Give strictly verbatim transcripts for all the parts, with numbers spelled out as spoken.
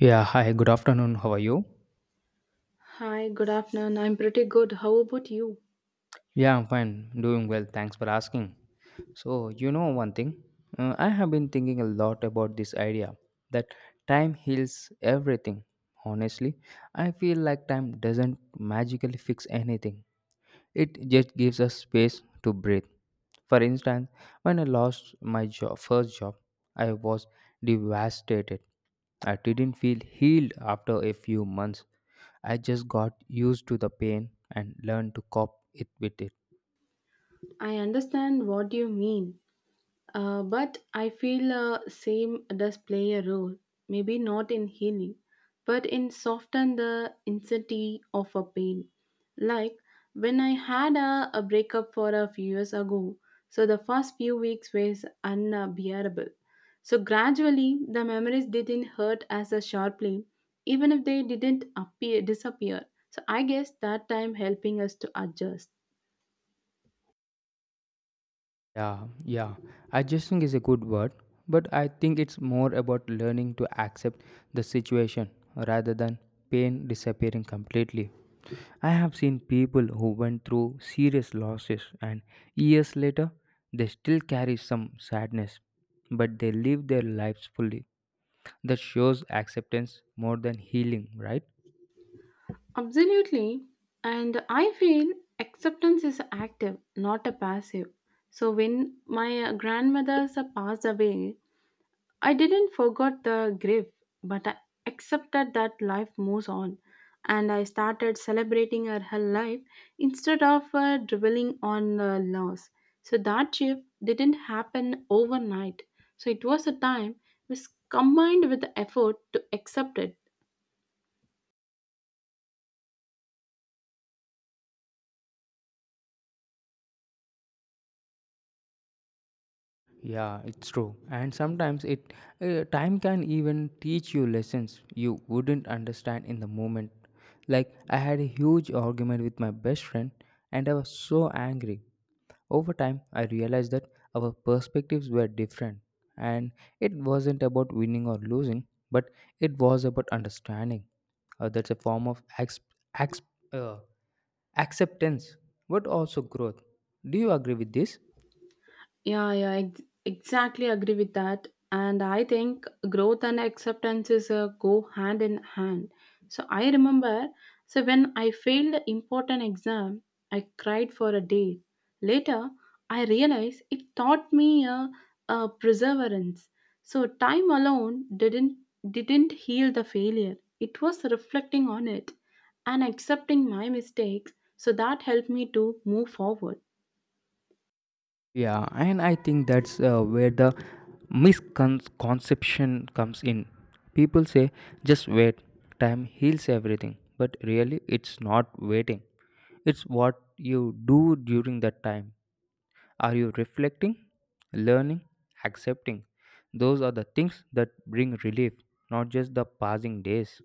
Yeah, hi, good afternoon. How are you? Hi, good afternoon. I'm pretty good. How about you? Yeah, I'm fine. Doing well. Thanks for asking. So, you know one thing? Uh, I have been thinking a lot about this idea that time heals everything. Honestly, I feel like time doesn't magically fix anything, it just gives us space to breathe. For instance, when I lost my job, first job, I was devastated. I didn't feel healed after a few months I just got used to the pain and learned to cope it with it. I understand what you mean. Uh, but I feel uh, same does play a role, maybe not in healing, but in soften the intensity of a pain. Like when I had a, a breakup for a few years ago, so the first few weeks was unbearable. So gradually the memories didn't hurt as a sharply, even if they didn't appear disappear. So I guess that time helping us to adjust. Yeah, yeah. Adjusting is a good word, but I think it's more about learning to accept the situation rather than pain disappearing completely. I have seen people who went through serious losses and years later they still carry some sadness, but they live their lives fully. That shows acceptance more than healing, right? Absolutely. And I feel acceptance is active, not a passive. So when my uh, grandmothers uh, passed away, I didn't forget the grief, but I accepted that life moves on. And I started celebrating her, her life instead of uh, dwelling on the loss. So that shift didn't happen overnight. So it was a time which combined with the effort to accept it. Yeah, it's true. And sometimes it uh, time can even teach you lessons you wouldn't understand in the moment. Like I had a huge argument with my best friend and I was so angry. Over time, I realized that our perspectives were different and it wasn't about winning or losing, but it was about understanding. Uh, that's a form of ex- ex- uh, acceptance but also growth. Do you agree with this? Yeah, yeah, ex- exactly agree with that. And I think growth and acceptance is uh, go hand in hand. So I remember, so when I failed an important exam, I cried for a day. Later, I realized it taught me a, a perseverance. So time alone didn't didn't heal the failure. It was reflecting on it and accepting my mistakes. So that helped me to move forward. Yeah, and I think that's uh, where the misconception comes in. People say, just wait, time heals everything. But really, it's not waiting, it's what you do during that time. Are you reflecting, learning, accepting? Those are the things that bring relief, not just the passing days.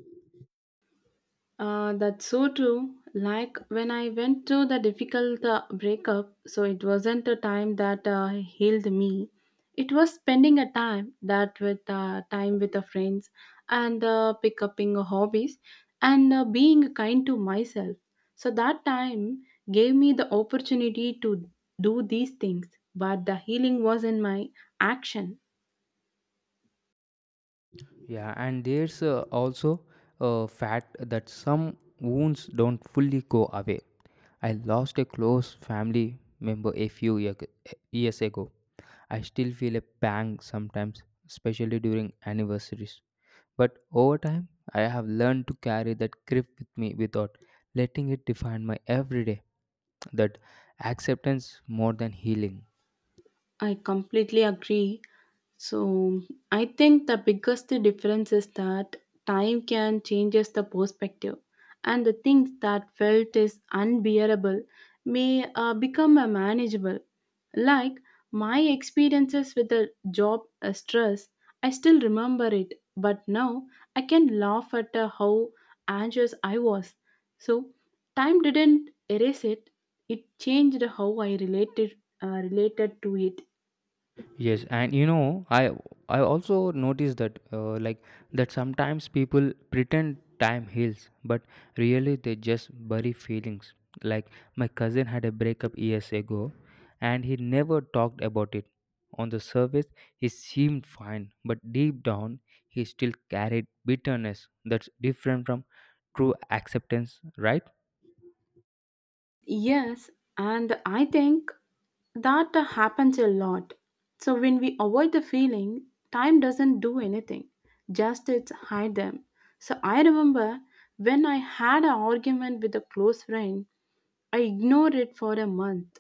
Uh, that's so true. Like when I went through the difficult uh, breakup, so it wasn't a time that uh, healed me. It was spending a time that with uh, time with the friends and uh, pick upping hobbies and uh, being kind to myself. So that time gave me the opportunity to do these things, but the healing was in my action. Yeah, and there's uh, also a fact that some wounds don't fully go away. I lost a close family member a few year, years ago. I still feel a pang sometimes, especially during anniversaries. But over time, I have learned to carry that grief with me without letting it define my everyday. That acceptance more than healing. I completely agree. So I think the biggest difference is that time can changes the perspective, and the things that felt is unbearable may uh, become a manageable. Like my experiences with the job uh, stress, I still remember it, but now I can laugh at uh, how anxious I was. So time didn't erase it; it changed how I related uh, related to it. Yes, and you know, I I also noticed that uh, like that sometimes people pretend time heals, but really they just bury feelings. Like my cousin had a breakup years ago, and he never talked about it. On the surface, he seemed fine, but deep down, he still carried bitterness. That's different from true acceptance, right? Yes, and I think that happens a lot. So when we avoid the feeling, time doesn't do anything, just it's hide them. So I remember when I had an argument with a close friend, I ignored it for a month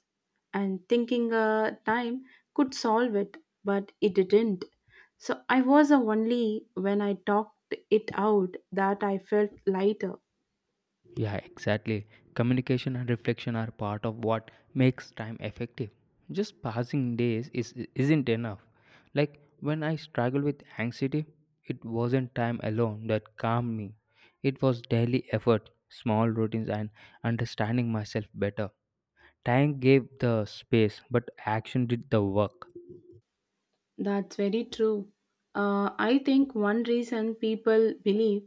and thinking uh, time could solve it, but it didn't. So I was the only when I talked it out that I felt lighter. Yeah, exactly. Communication and reflection are part of what makes time effective. Just passing days is isn't enough. Like when I struggled with anxiety, it wasn't time alone that calmed me. It was daily effort, small routines and understanding myself better. Time gave the space, but action did the work. That's very true. Uh, I think one reason people believe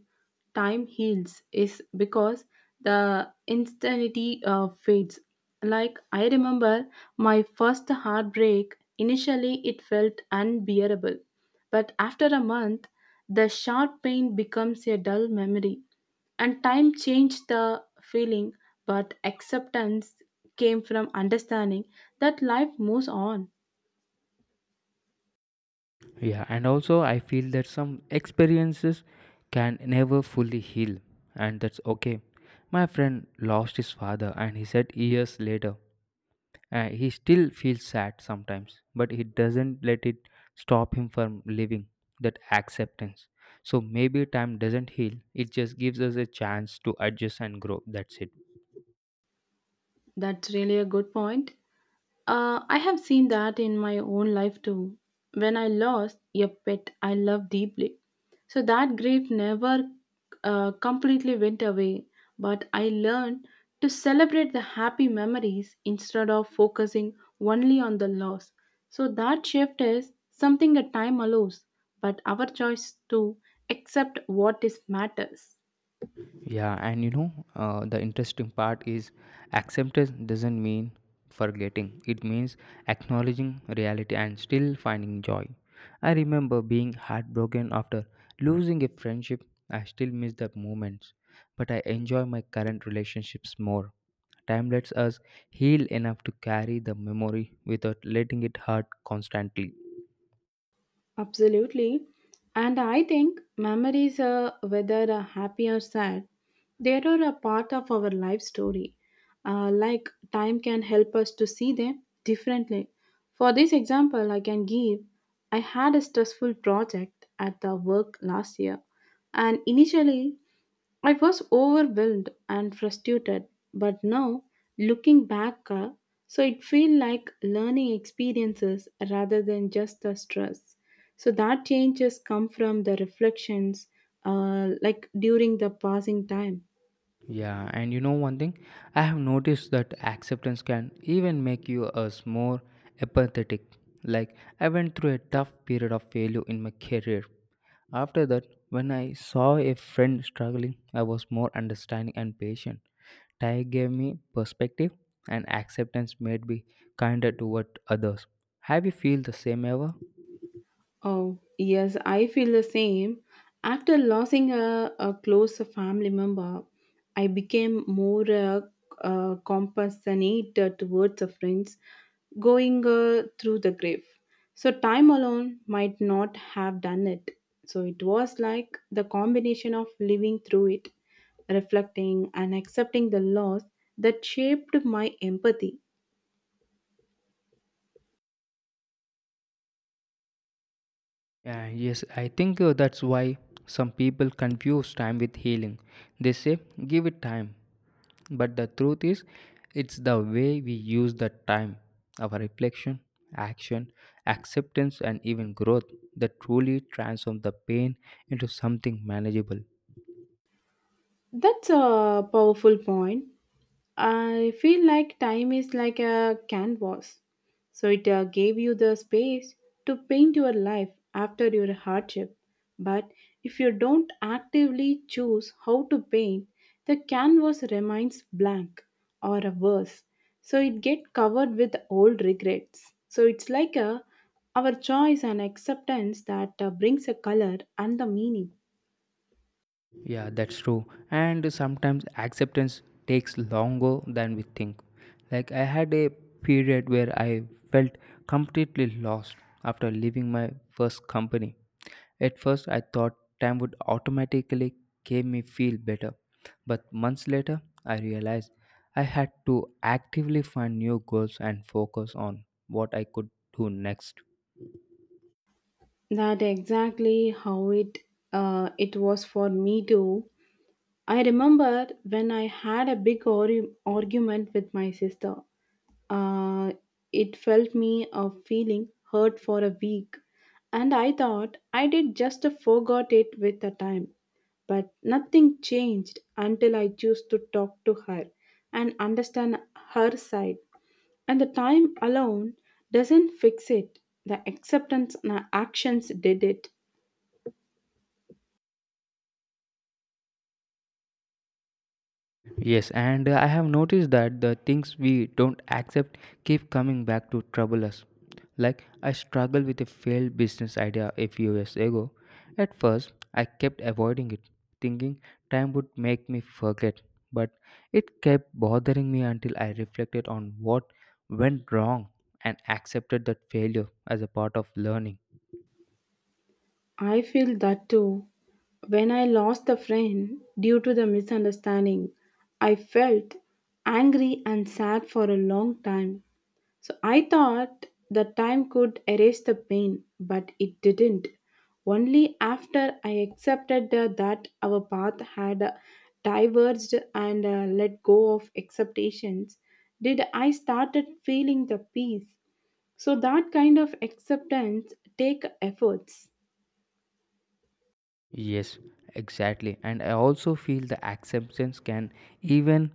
time heals is because the instantity uh, fades. Like, I remember my first heartbreak, initially it felt unbearable. But after a month, the sharp pain becomes a dull memory. And time changed the feeling, but acceptance came from understanding that life moves on. Yeah, and also I feel that some experiences can never fully heal, and that's okay. My friend lost his father, and he said years later, uh, he still feels sad sometimes, but he doesn't let it stop him from living that acceptance. So maybe time doesn't heal, it just gives us a chance to adjust and grow. That's it. That's really a good point. Uh, I have seen that in my own life too. When I lost a pet I loved deeply, so that grief never uh, completely went away. But I learned to celebrate the happy memories instead of focusing only on the loss. So that shift is something that time allows, but our choice to accept what is matters. Yeah, and you know, uh, the interesting part is acceptance doesn't mean forgetting, it means acknowledging reality and still finding joy. I remember being heartbroken after losing a friendship. I still miss the moments, but I enjoy my current relationships more. Time lets us heal enough to carry the memory without letting it hurt constantly. Absolutely. And I think memories are whether are happy or sad, they are a part of our life story. Uh, like time can help us to see them differently. For this example, I can give I had a stressful project at the work last year, and initially I was overwhelmed and frustrated, but now looking back, uh, so it feel like learning experiences rather than just the stress. So that changes come from the reflections, uh, like during the passing time. Yeah, and you know one thing, I have noticed that acceptance can even make you us more empathetic. Like I went through a tough period of failure in my career. After that, when I saw a friend struggling, I was more understanding and patient. Thai gave me perspective and acceptance made me kinder toward others. Have you feel the same ever? Oh, yes, I feel the same. After losing a, a close family member, I became more uh, uh, compassionate towards the friends going uh, through the grave. So, time alone might not have done it. So, it was like the combination of living through it, reflecting, and accepting the loss that shaped my empathy. Yeah, yes, I think uh, that's why some people confuse time with healing. They say, give it time. But the truth is, it's the way we use the time, our reflection, action, acceptance, and even growth that truly transform the pain into something manageable. That's a powerful point. I feel like time is like a canvas. So it uh, gave you the space to paint your life after your hardship. But if you don't actively choose how to paint, the canvas remains blank or a worse. So it get covered with old regrets. So it's like a our choice and acceptance that uh, brings a color and the meaning. Yeah, that's true. And sometimes acceptance takes longer than we think. Like, I had a period where I felt completely lost after leaving my first company. At first, I thought time would automatically make me feel better. But months later, I realized I had to actively find new goals and focus on what I could do next. That exactly how it uh, it was for me too. I remember when I had a big argu- argument with my sister. Uh, it felt me a feeling hurt for a week, and I thought I did just forgot it with the time. But nothing changed until I chose to talk to her and understand her side. And the time alone doesn't fix it. The acceptance and actions did it. Yes, and uh, I have noticed that the things we don't accept keep coming back to trouble us. Like I struggled with a failed business idea a few years ago. At first, I kept avoiding it, thinking time would make me forget, but it kept bothering me until I reflected on what went wrong and accepted that failure as a part of learning. I feel that too. When I lost a friend due to the misunderstanding, I felt angry and sad for a long time. So I thought the time could erase the pain, but it didn't. Only after I accepted uh, that our path had uh, diverged and uh, let go of expectations did I started feeling the peace. So that kind of acceptance take efforts. Yes, exactly. And I also feel the acceptance can even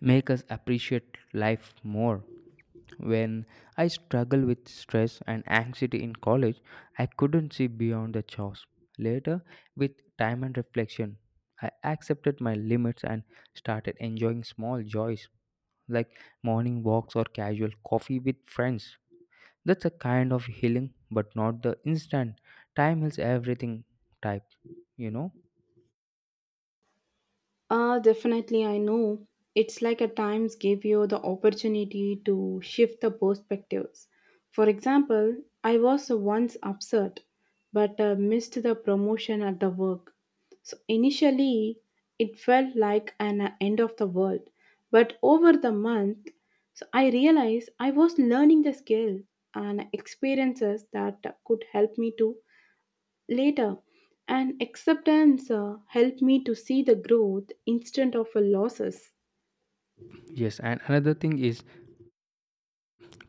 make us appreciate life more. When I struggled with stress and anxiety in college, I couldn't see beyond the chores. Later, with time and reflection, I accepted my limits and started enjoying small joys like morning walks or casual coffee with friends. That's a kind of healing, but not the instant time heals everything type, you know? Uh, definitely, I know. It's like at times give you the opportunity to shift the perspectives. For example, I was once upset but uh, missed the promotion at the work. So initially, it felt like an uh, end of the world. But over the month, so I realized I was learning the skill and experiences that could help me to. Later, an acceptance uh, helped me to see the growth instead of a losses. Yes, and another thing is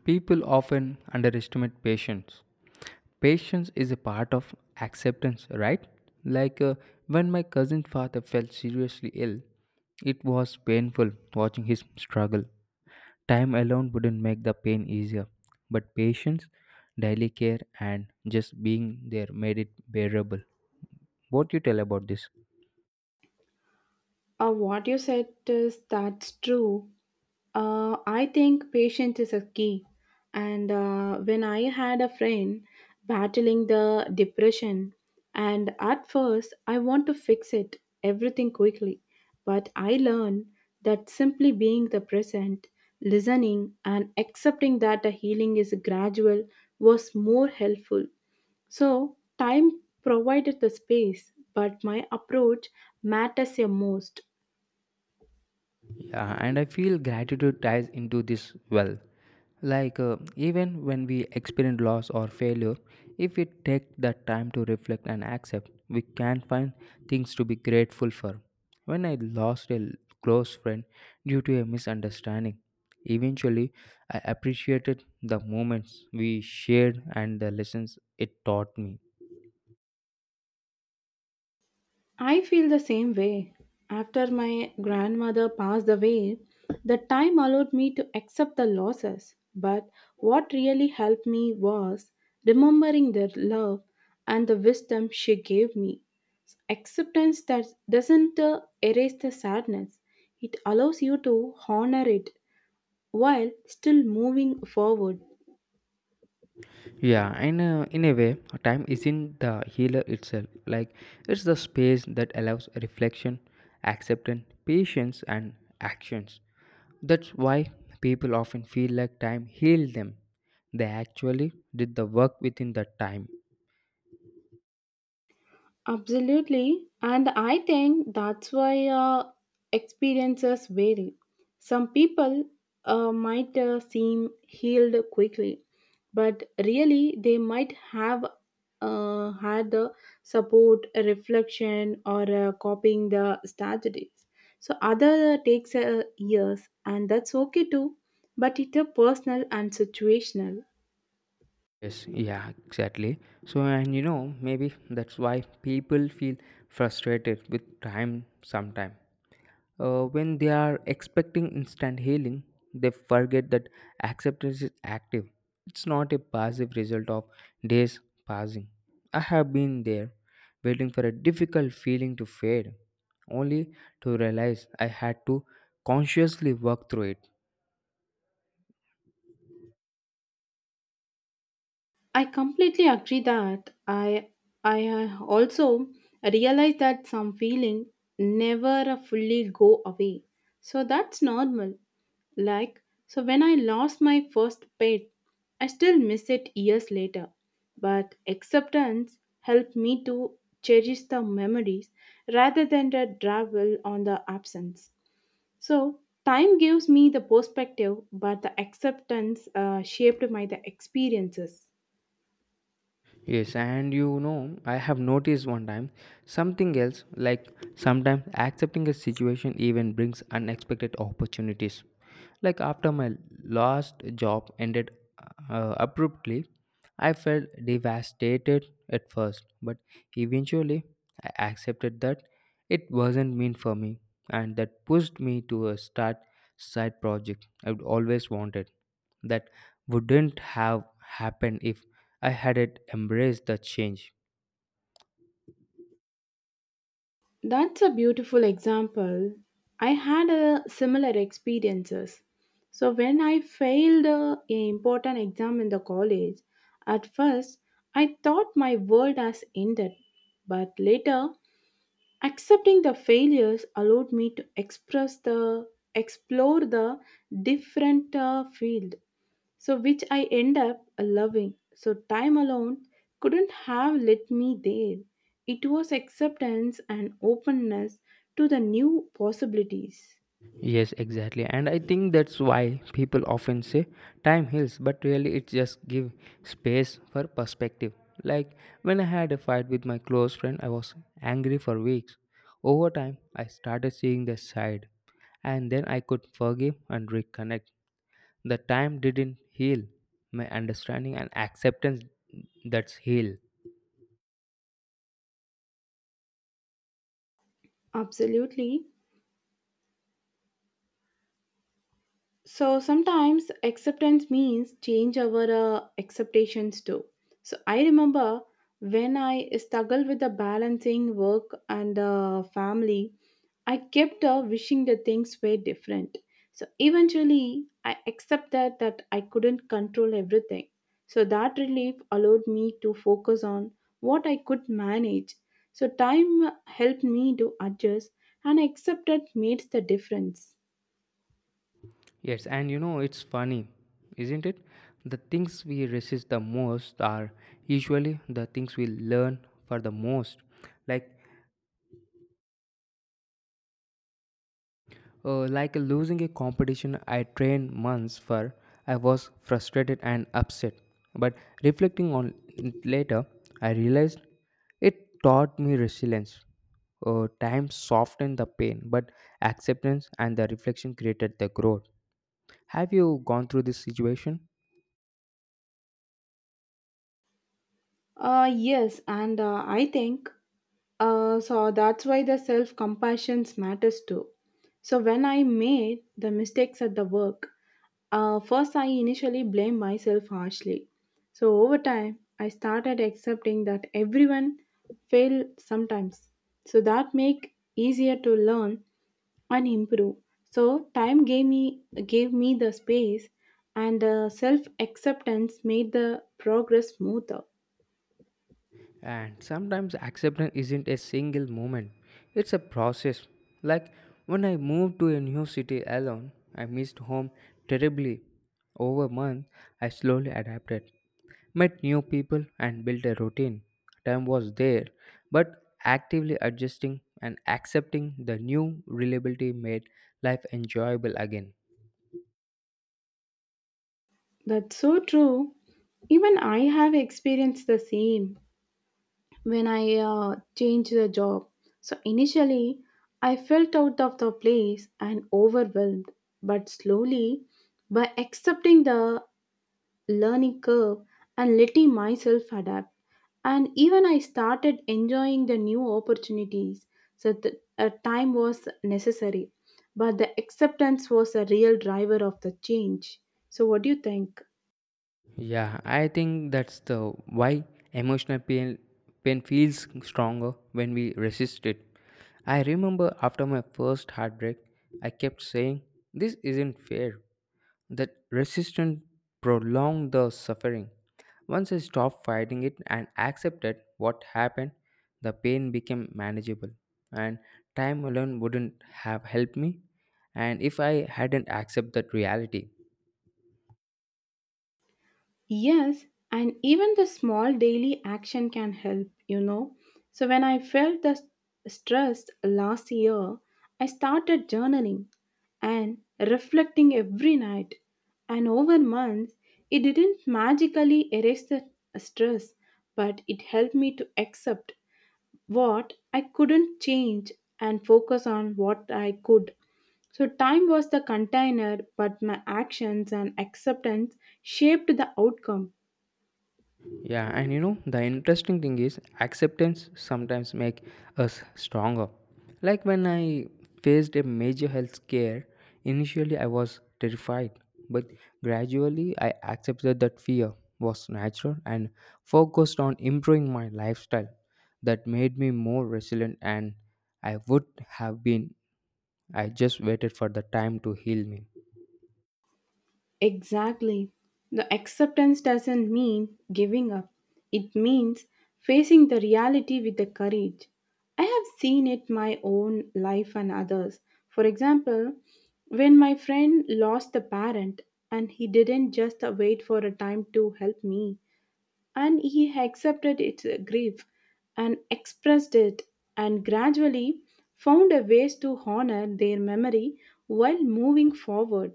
people often underestimate patience. Patience is a part of acceptance, right? Like uh, when my cousin's father fell seriously ill, it was painful watching his struggle. Time alone wouldn't make the pain easier, but patience, daily care, and just being there made it bearable. What you tell about this? Uh, what you said is that's true. Uh, I think patience is a key. And uh, when I had a friend battling the depression, and at first I want to fix it everything quickly, but I learned that simply being the present, listening, and accepting that the healing is gradual was more helpful. So, time provided the space, but my approach matters the most. Yeah, and I feel gratitude ties into this well. Like, uh, even when we experience loss or failure, if we take that time to reflect and accept, we can find things to be grateful for. When I lost a close friend due to a misunderstanding, eventually I appreciated the moments we shared and the lessons it taught me. I feel the same way. After my grandmother passed away, the time allowed me to accept the losses. But what really helped me was remembering the love and the wisdom she gave me. Acceptance that doesn't uh, erase the sadness, it allows you to honor it while still moving forward. Yeah, and uh, in a way, time isn't the healer itself. Like, it's the space that allows reflection, acceptance, patience, and actions. That's why people often feel like time healed them. They actually did the work within that time. Absolutely. And I think that's why uh, experiences vary. Some people uh, might uh, seem healed quickly, but really they might have uh, had the support, reflection, or uh, copying the strategies. So other takes uh, years, and that's okay too. But it's a personal and situational. Yes, yeah, exactly. So, and you know, maybe that's why people feel frustrated with time sometimes. Uh, when they are expecting instant healing, they forget that acceptance is active. It's not a passive result of days passing. I have been there, waiting for a difficult feeling to fade, only to realize I had to consciously work through it. I completely agree that I I uh, also realize that some feeling never fully go away. So that's normal. Like so when I lost my first pet, I still miss it years later. But acceptance helped me to cherish the memories rather than the travel on the absence. So time gives me the perspective, but the acceptance uh, shaped my the experiences. Yes, and you know, I have noticed one time something else like sometimes accepting a situation even brings unexpected opportunities. Like after my last job ended uh, abruptly, I felt devastated at first, but eventually I accepted that it wasn't meant for me, and that pushed me to a start side project I'd always wanted that wouldn't have happened if I hadn't embraced the change. That's a beautiful example. I had a similar experiences. So when I failed a a important exam in the college, at first I thought my world has ended, but later accepting the failures allowed me to express the explore the different uh, field so which I end up uh, loving. So time alone couldn't have led me there. It was acceptance and openness to the new possibilities. Yes, exactly. And I think that's why people often say time heals, but really it just give space for perspective. Like when I had a fight with my close friend, I was angry for weeks. Over time, I started seeing the side, and then I could forgive and reconnect. The time didn't heal my understanding and acceptance that's heal. Absolutely. So sometimes acceptance means change our uh, expectations too. So I remember when I struggled with the balancing work and uh, family, I kept uh, wishing the things were different. So eventually, I accept that that I couldn't control everything. So that relief allowed me to focus on what I could manage. So time helped me to adjust, and accept that made the difference. Yes, and you know, it's funny, isn't it? The things we resist the most are usually the things we learn for the most. Like, uh, like losing a competition I trained months for, I was frustrated and upset. But reflecting on it later, I realized it taught me resilience. Uh, time softened the pain, but acceptance and the reflection created the growth. Have you gone through this situation? Uh, yes, and uh, I think uh, so that's why the self compassion matters too. So when I made the mistakes at the work, uh, first I initially blamed myself harshly. So over time, I started accepting that everyone fail sometimes. So that make easier to learn and improve. So time gave me gave me the space, and uh, self acceptance made the progress smoother. And sometimes acceptance isn't a single moment, it's a process. Like when I moved to a new city alone, I missed home terribly. Over a month, I slowly adapted, met new people, and built a routine. Time was there, but actively adjusting and accepting the new reliability made life enjoyable again. That's so true. Even I have experienced the same when I uh, changed the job. So initially, I felt out of the place and overwhelmed, but slowly, by accepting the learning curve and letting myself adapt, and even I started enjoying the new opportunities. So the uh, time was necessary, but the acceptance was a real driver of the change. So what do you think? Yeah, I think that's the why emotional pain pain feels stronger when we resist it. I remember after my first heartbreak, I kept saying, "This isn't fair." That resistance prolonged the suffering. Once I stopped fighting it and accepted what happened, the pain became manageable, and time alone wouldn't have helped me. And if I hadn't accepted that reality, Yes, and even the small daily action can help, you know. So, when I felt the s- stress last year, I started journaling and reflecting every night. And over months, it didn't magically erase the stress, but it helped me to accept what I couldn't change and focus on what I could. So, time was the container, but my actions and acceptance shaped the outcome. Yeah, and you know, the interesting thing is acceptance sometimes make us stronger. Like when I faced a major health scare, initially I was terrified, but gradually I accepted that fear was natural and focused on improving my lifestyle. That made me more resilient and I would have been I just waited for the time to heal me. Exactly. The acceptance doesn't mean giving up, it means facing the reality with the courage. I have seen it my own life and others. For example, when my friend lost a parent and he didn't just wait for a time to help me and he accepted its grief and expressed it and gradually found a ways to honor their memory while moving forward.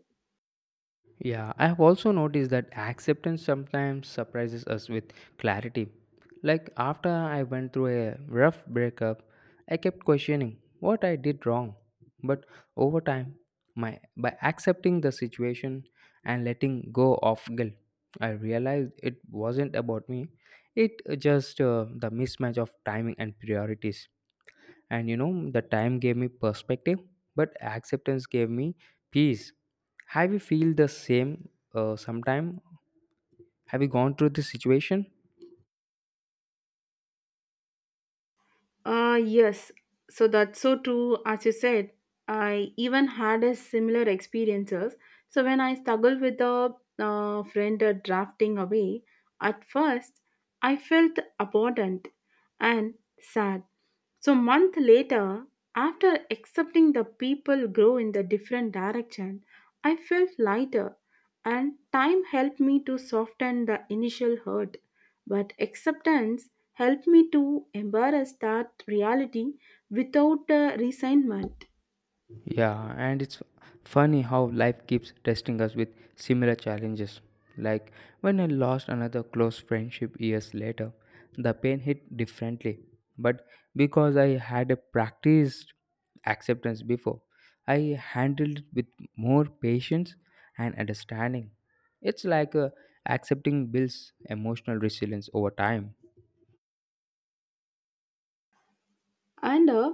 Yeah, I have also noticed that acceptance sometimes surprises us with clarity. Like after I went through a rough breakup, I kept questioning what I did wrong. But over time, my by accepting the situation and letting go of guilt, I realized it wasn't about me. It just uh, the mismatch of timing and priorities and you know the time gave me perspective but acceptance gave me peace have you feel the same uh, sometime have you gone through this situation Ah yes, so that's so true. As you said, I even had a similar experiences. So when I struggled with a uh, friend uh, drafting away, at first I felt abandoned and sad. So month later, after accepting the people grow in the different direction, I felt lighter and time helped me to soften the initial hurt. But acceptance helped me to embrace that reality without uh, resentment. Yeah, and it's funny how life keeps testing us with similar challenges. Like when I lost another close friendship years later, the pain hit differently. But because I had a practiced acceptance before, I handled it with more patience and understanding. It's like uh, accepting builds emotional resilience over time. And uh,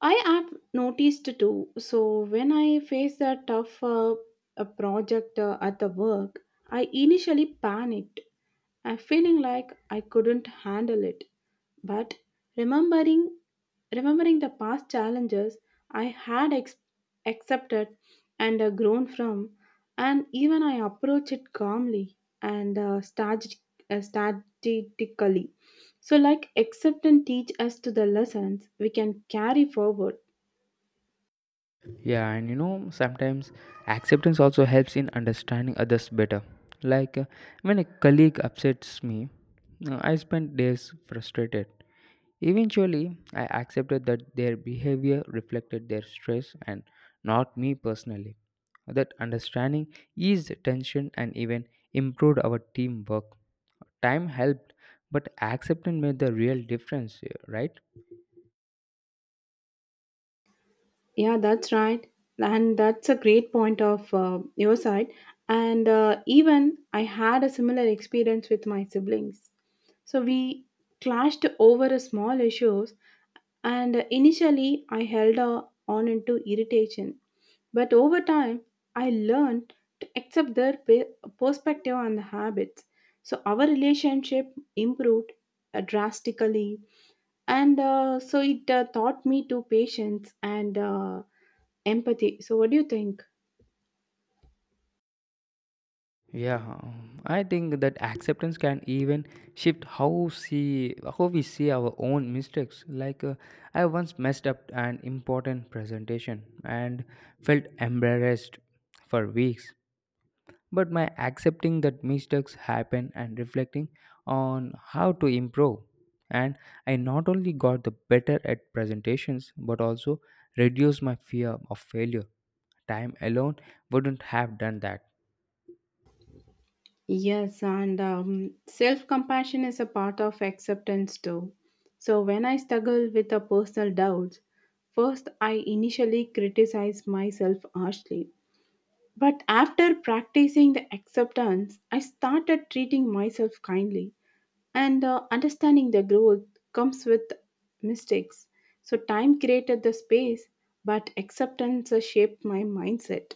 I have noticed too. So when I face a tough uh, a project uh, at the work, I initially panicked. I'm feeling like I couldn't handle it. But remembering Remembering the past challenges I had ex- accepted and uh, grown from, and even I approach it calmly and uh, strateg- uh, strategically. So, like accept and teach us to the lessons we can carry forward. Yeah, and you know, sometimes acceptance also helps in understanding others better. Like uh, when a colleague upsets me, uh, I spent days frustrated. Eventually, I accepted that their behavior reflected their stress and not me personally. That understanding eased tension and even improved our teamwork. Time helped, but acceptance made the real difference, right? Yeah, that's right. And that's a great point of uh, your side. And uh, even I had a similar experience with my siblings. So we clashed over a small issues and initially I held uh, on into irritation. But over time, I learned to accept their pe- perspective and habits. So our relationship improved uh, drastically and uh, so it uh, taught me to patience and uh, empathy. So what do you think? Yeah, um, I think that acceptance can even shift how see how we see our own mistakes. Like uh, I once messed up an important presentation and felt embarrassed for weeks. But my accepting that mistakes happen and reflecting on how to improve, and I not only got the better at presentations but also reduced my fear of failure. Time alone wouldn't have done that. Yes and um, self-compassion is a part of acceptance too. So when I struggle with a personal doubts, first I initially criticize myself harshly, but after practicing the acceptance I started treating myself kindly and uh, understanding the growth comes with mistakes. So time created the space, but acceptance uh, shaped my mindset.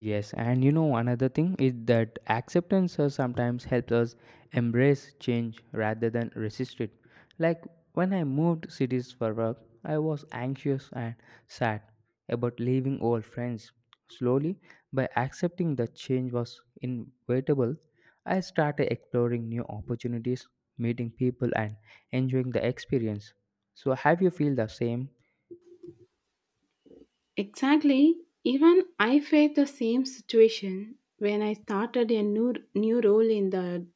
Yes, and you know, another thing is that acceptance uh, sometimes helps us embrace change rather than resist it. Like when I moved cities for work, I was anxious and sad about leaving old friends. Slowly, by accepting that change was inevitable, I started exploring new opportunities, meeting people, and enjoying the experience. So, have you feel the same? Exactly. Even I faced the same situation when I started a new new role in the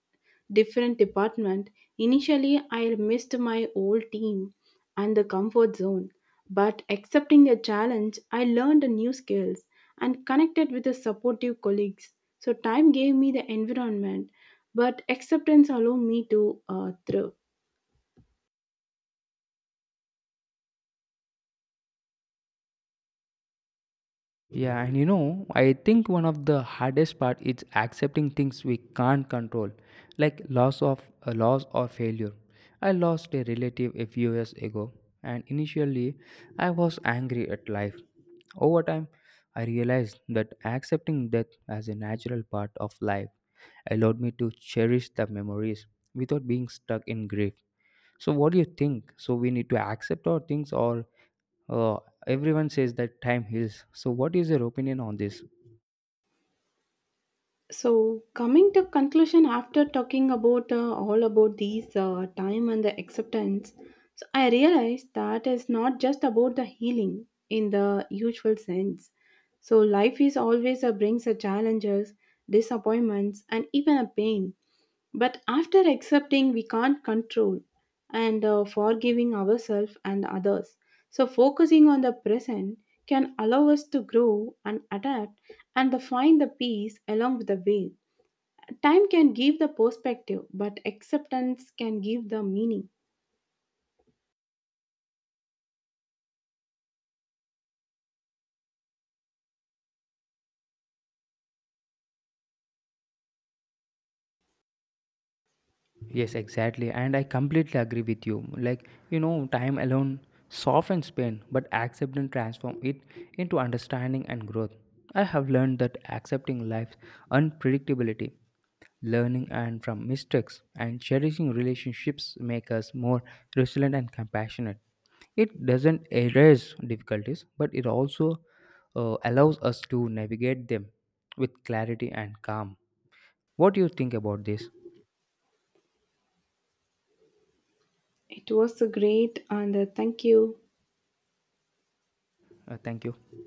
different department. Initially, I missed my old team and the comfort zone, but accepting the challenge, I learned new skills and connected with the supportive colleagues. So time gave me the environment, but acceptance allowed me to uh, thrive. Yeah, and you know, I think one of the hardest part is accepting things we can't control, like loss of a loss or failure. I lost a relative a few years ago, and initially I was angry at life. Over time, I realized that accepting death as a natural part of life allowed me to cherish the memories without being stuck in grief. So what do you think? So we need to accept our things or uh, everyone says that time heals. So, what is your opinion on this? So, coming to conclusion after talking about uh, all about these uh, time and the acceptance, so I realized that it's not just about the healing in the usual sense. So, life is always uh, brings a challenges, disappointments, and even a pain, but after accepting, we can't control and uh, forgiving ourselves and others. So, focusing on the present can allow us to grow and adapt and to find the peace along with the way. Time can give the perspective, but acceptance can give the meaning. Yes, exactly. And I completely agree with you. Like, you know, time alone softens pain, but accept and transform it into understanding and growth. I have learned that accepting life's unpredictability Learning and from mistakes and cherishing relationships make us more resilient and compassionate. It doesn't erase difficulties, but it also uh, allows us to navigate them with clarity and calm. What do you think about this? It was a great and uh, thank you. Uh, thank you.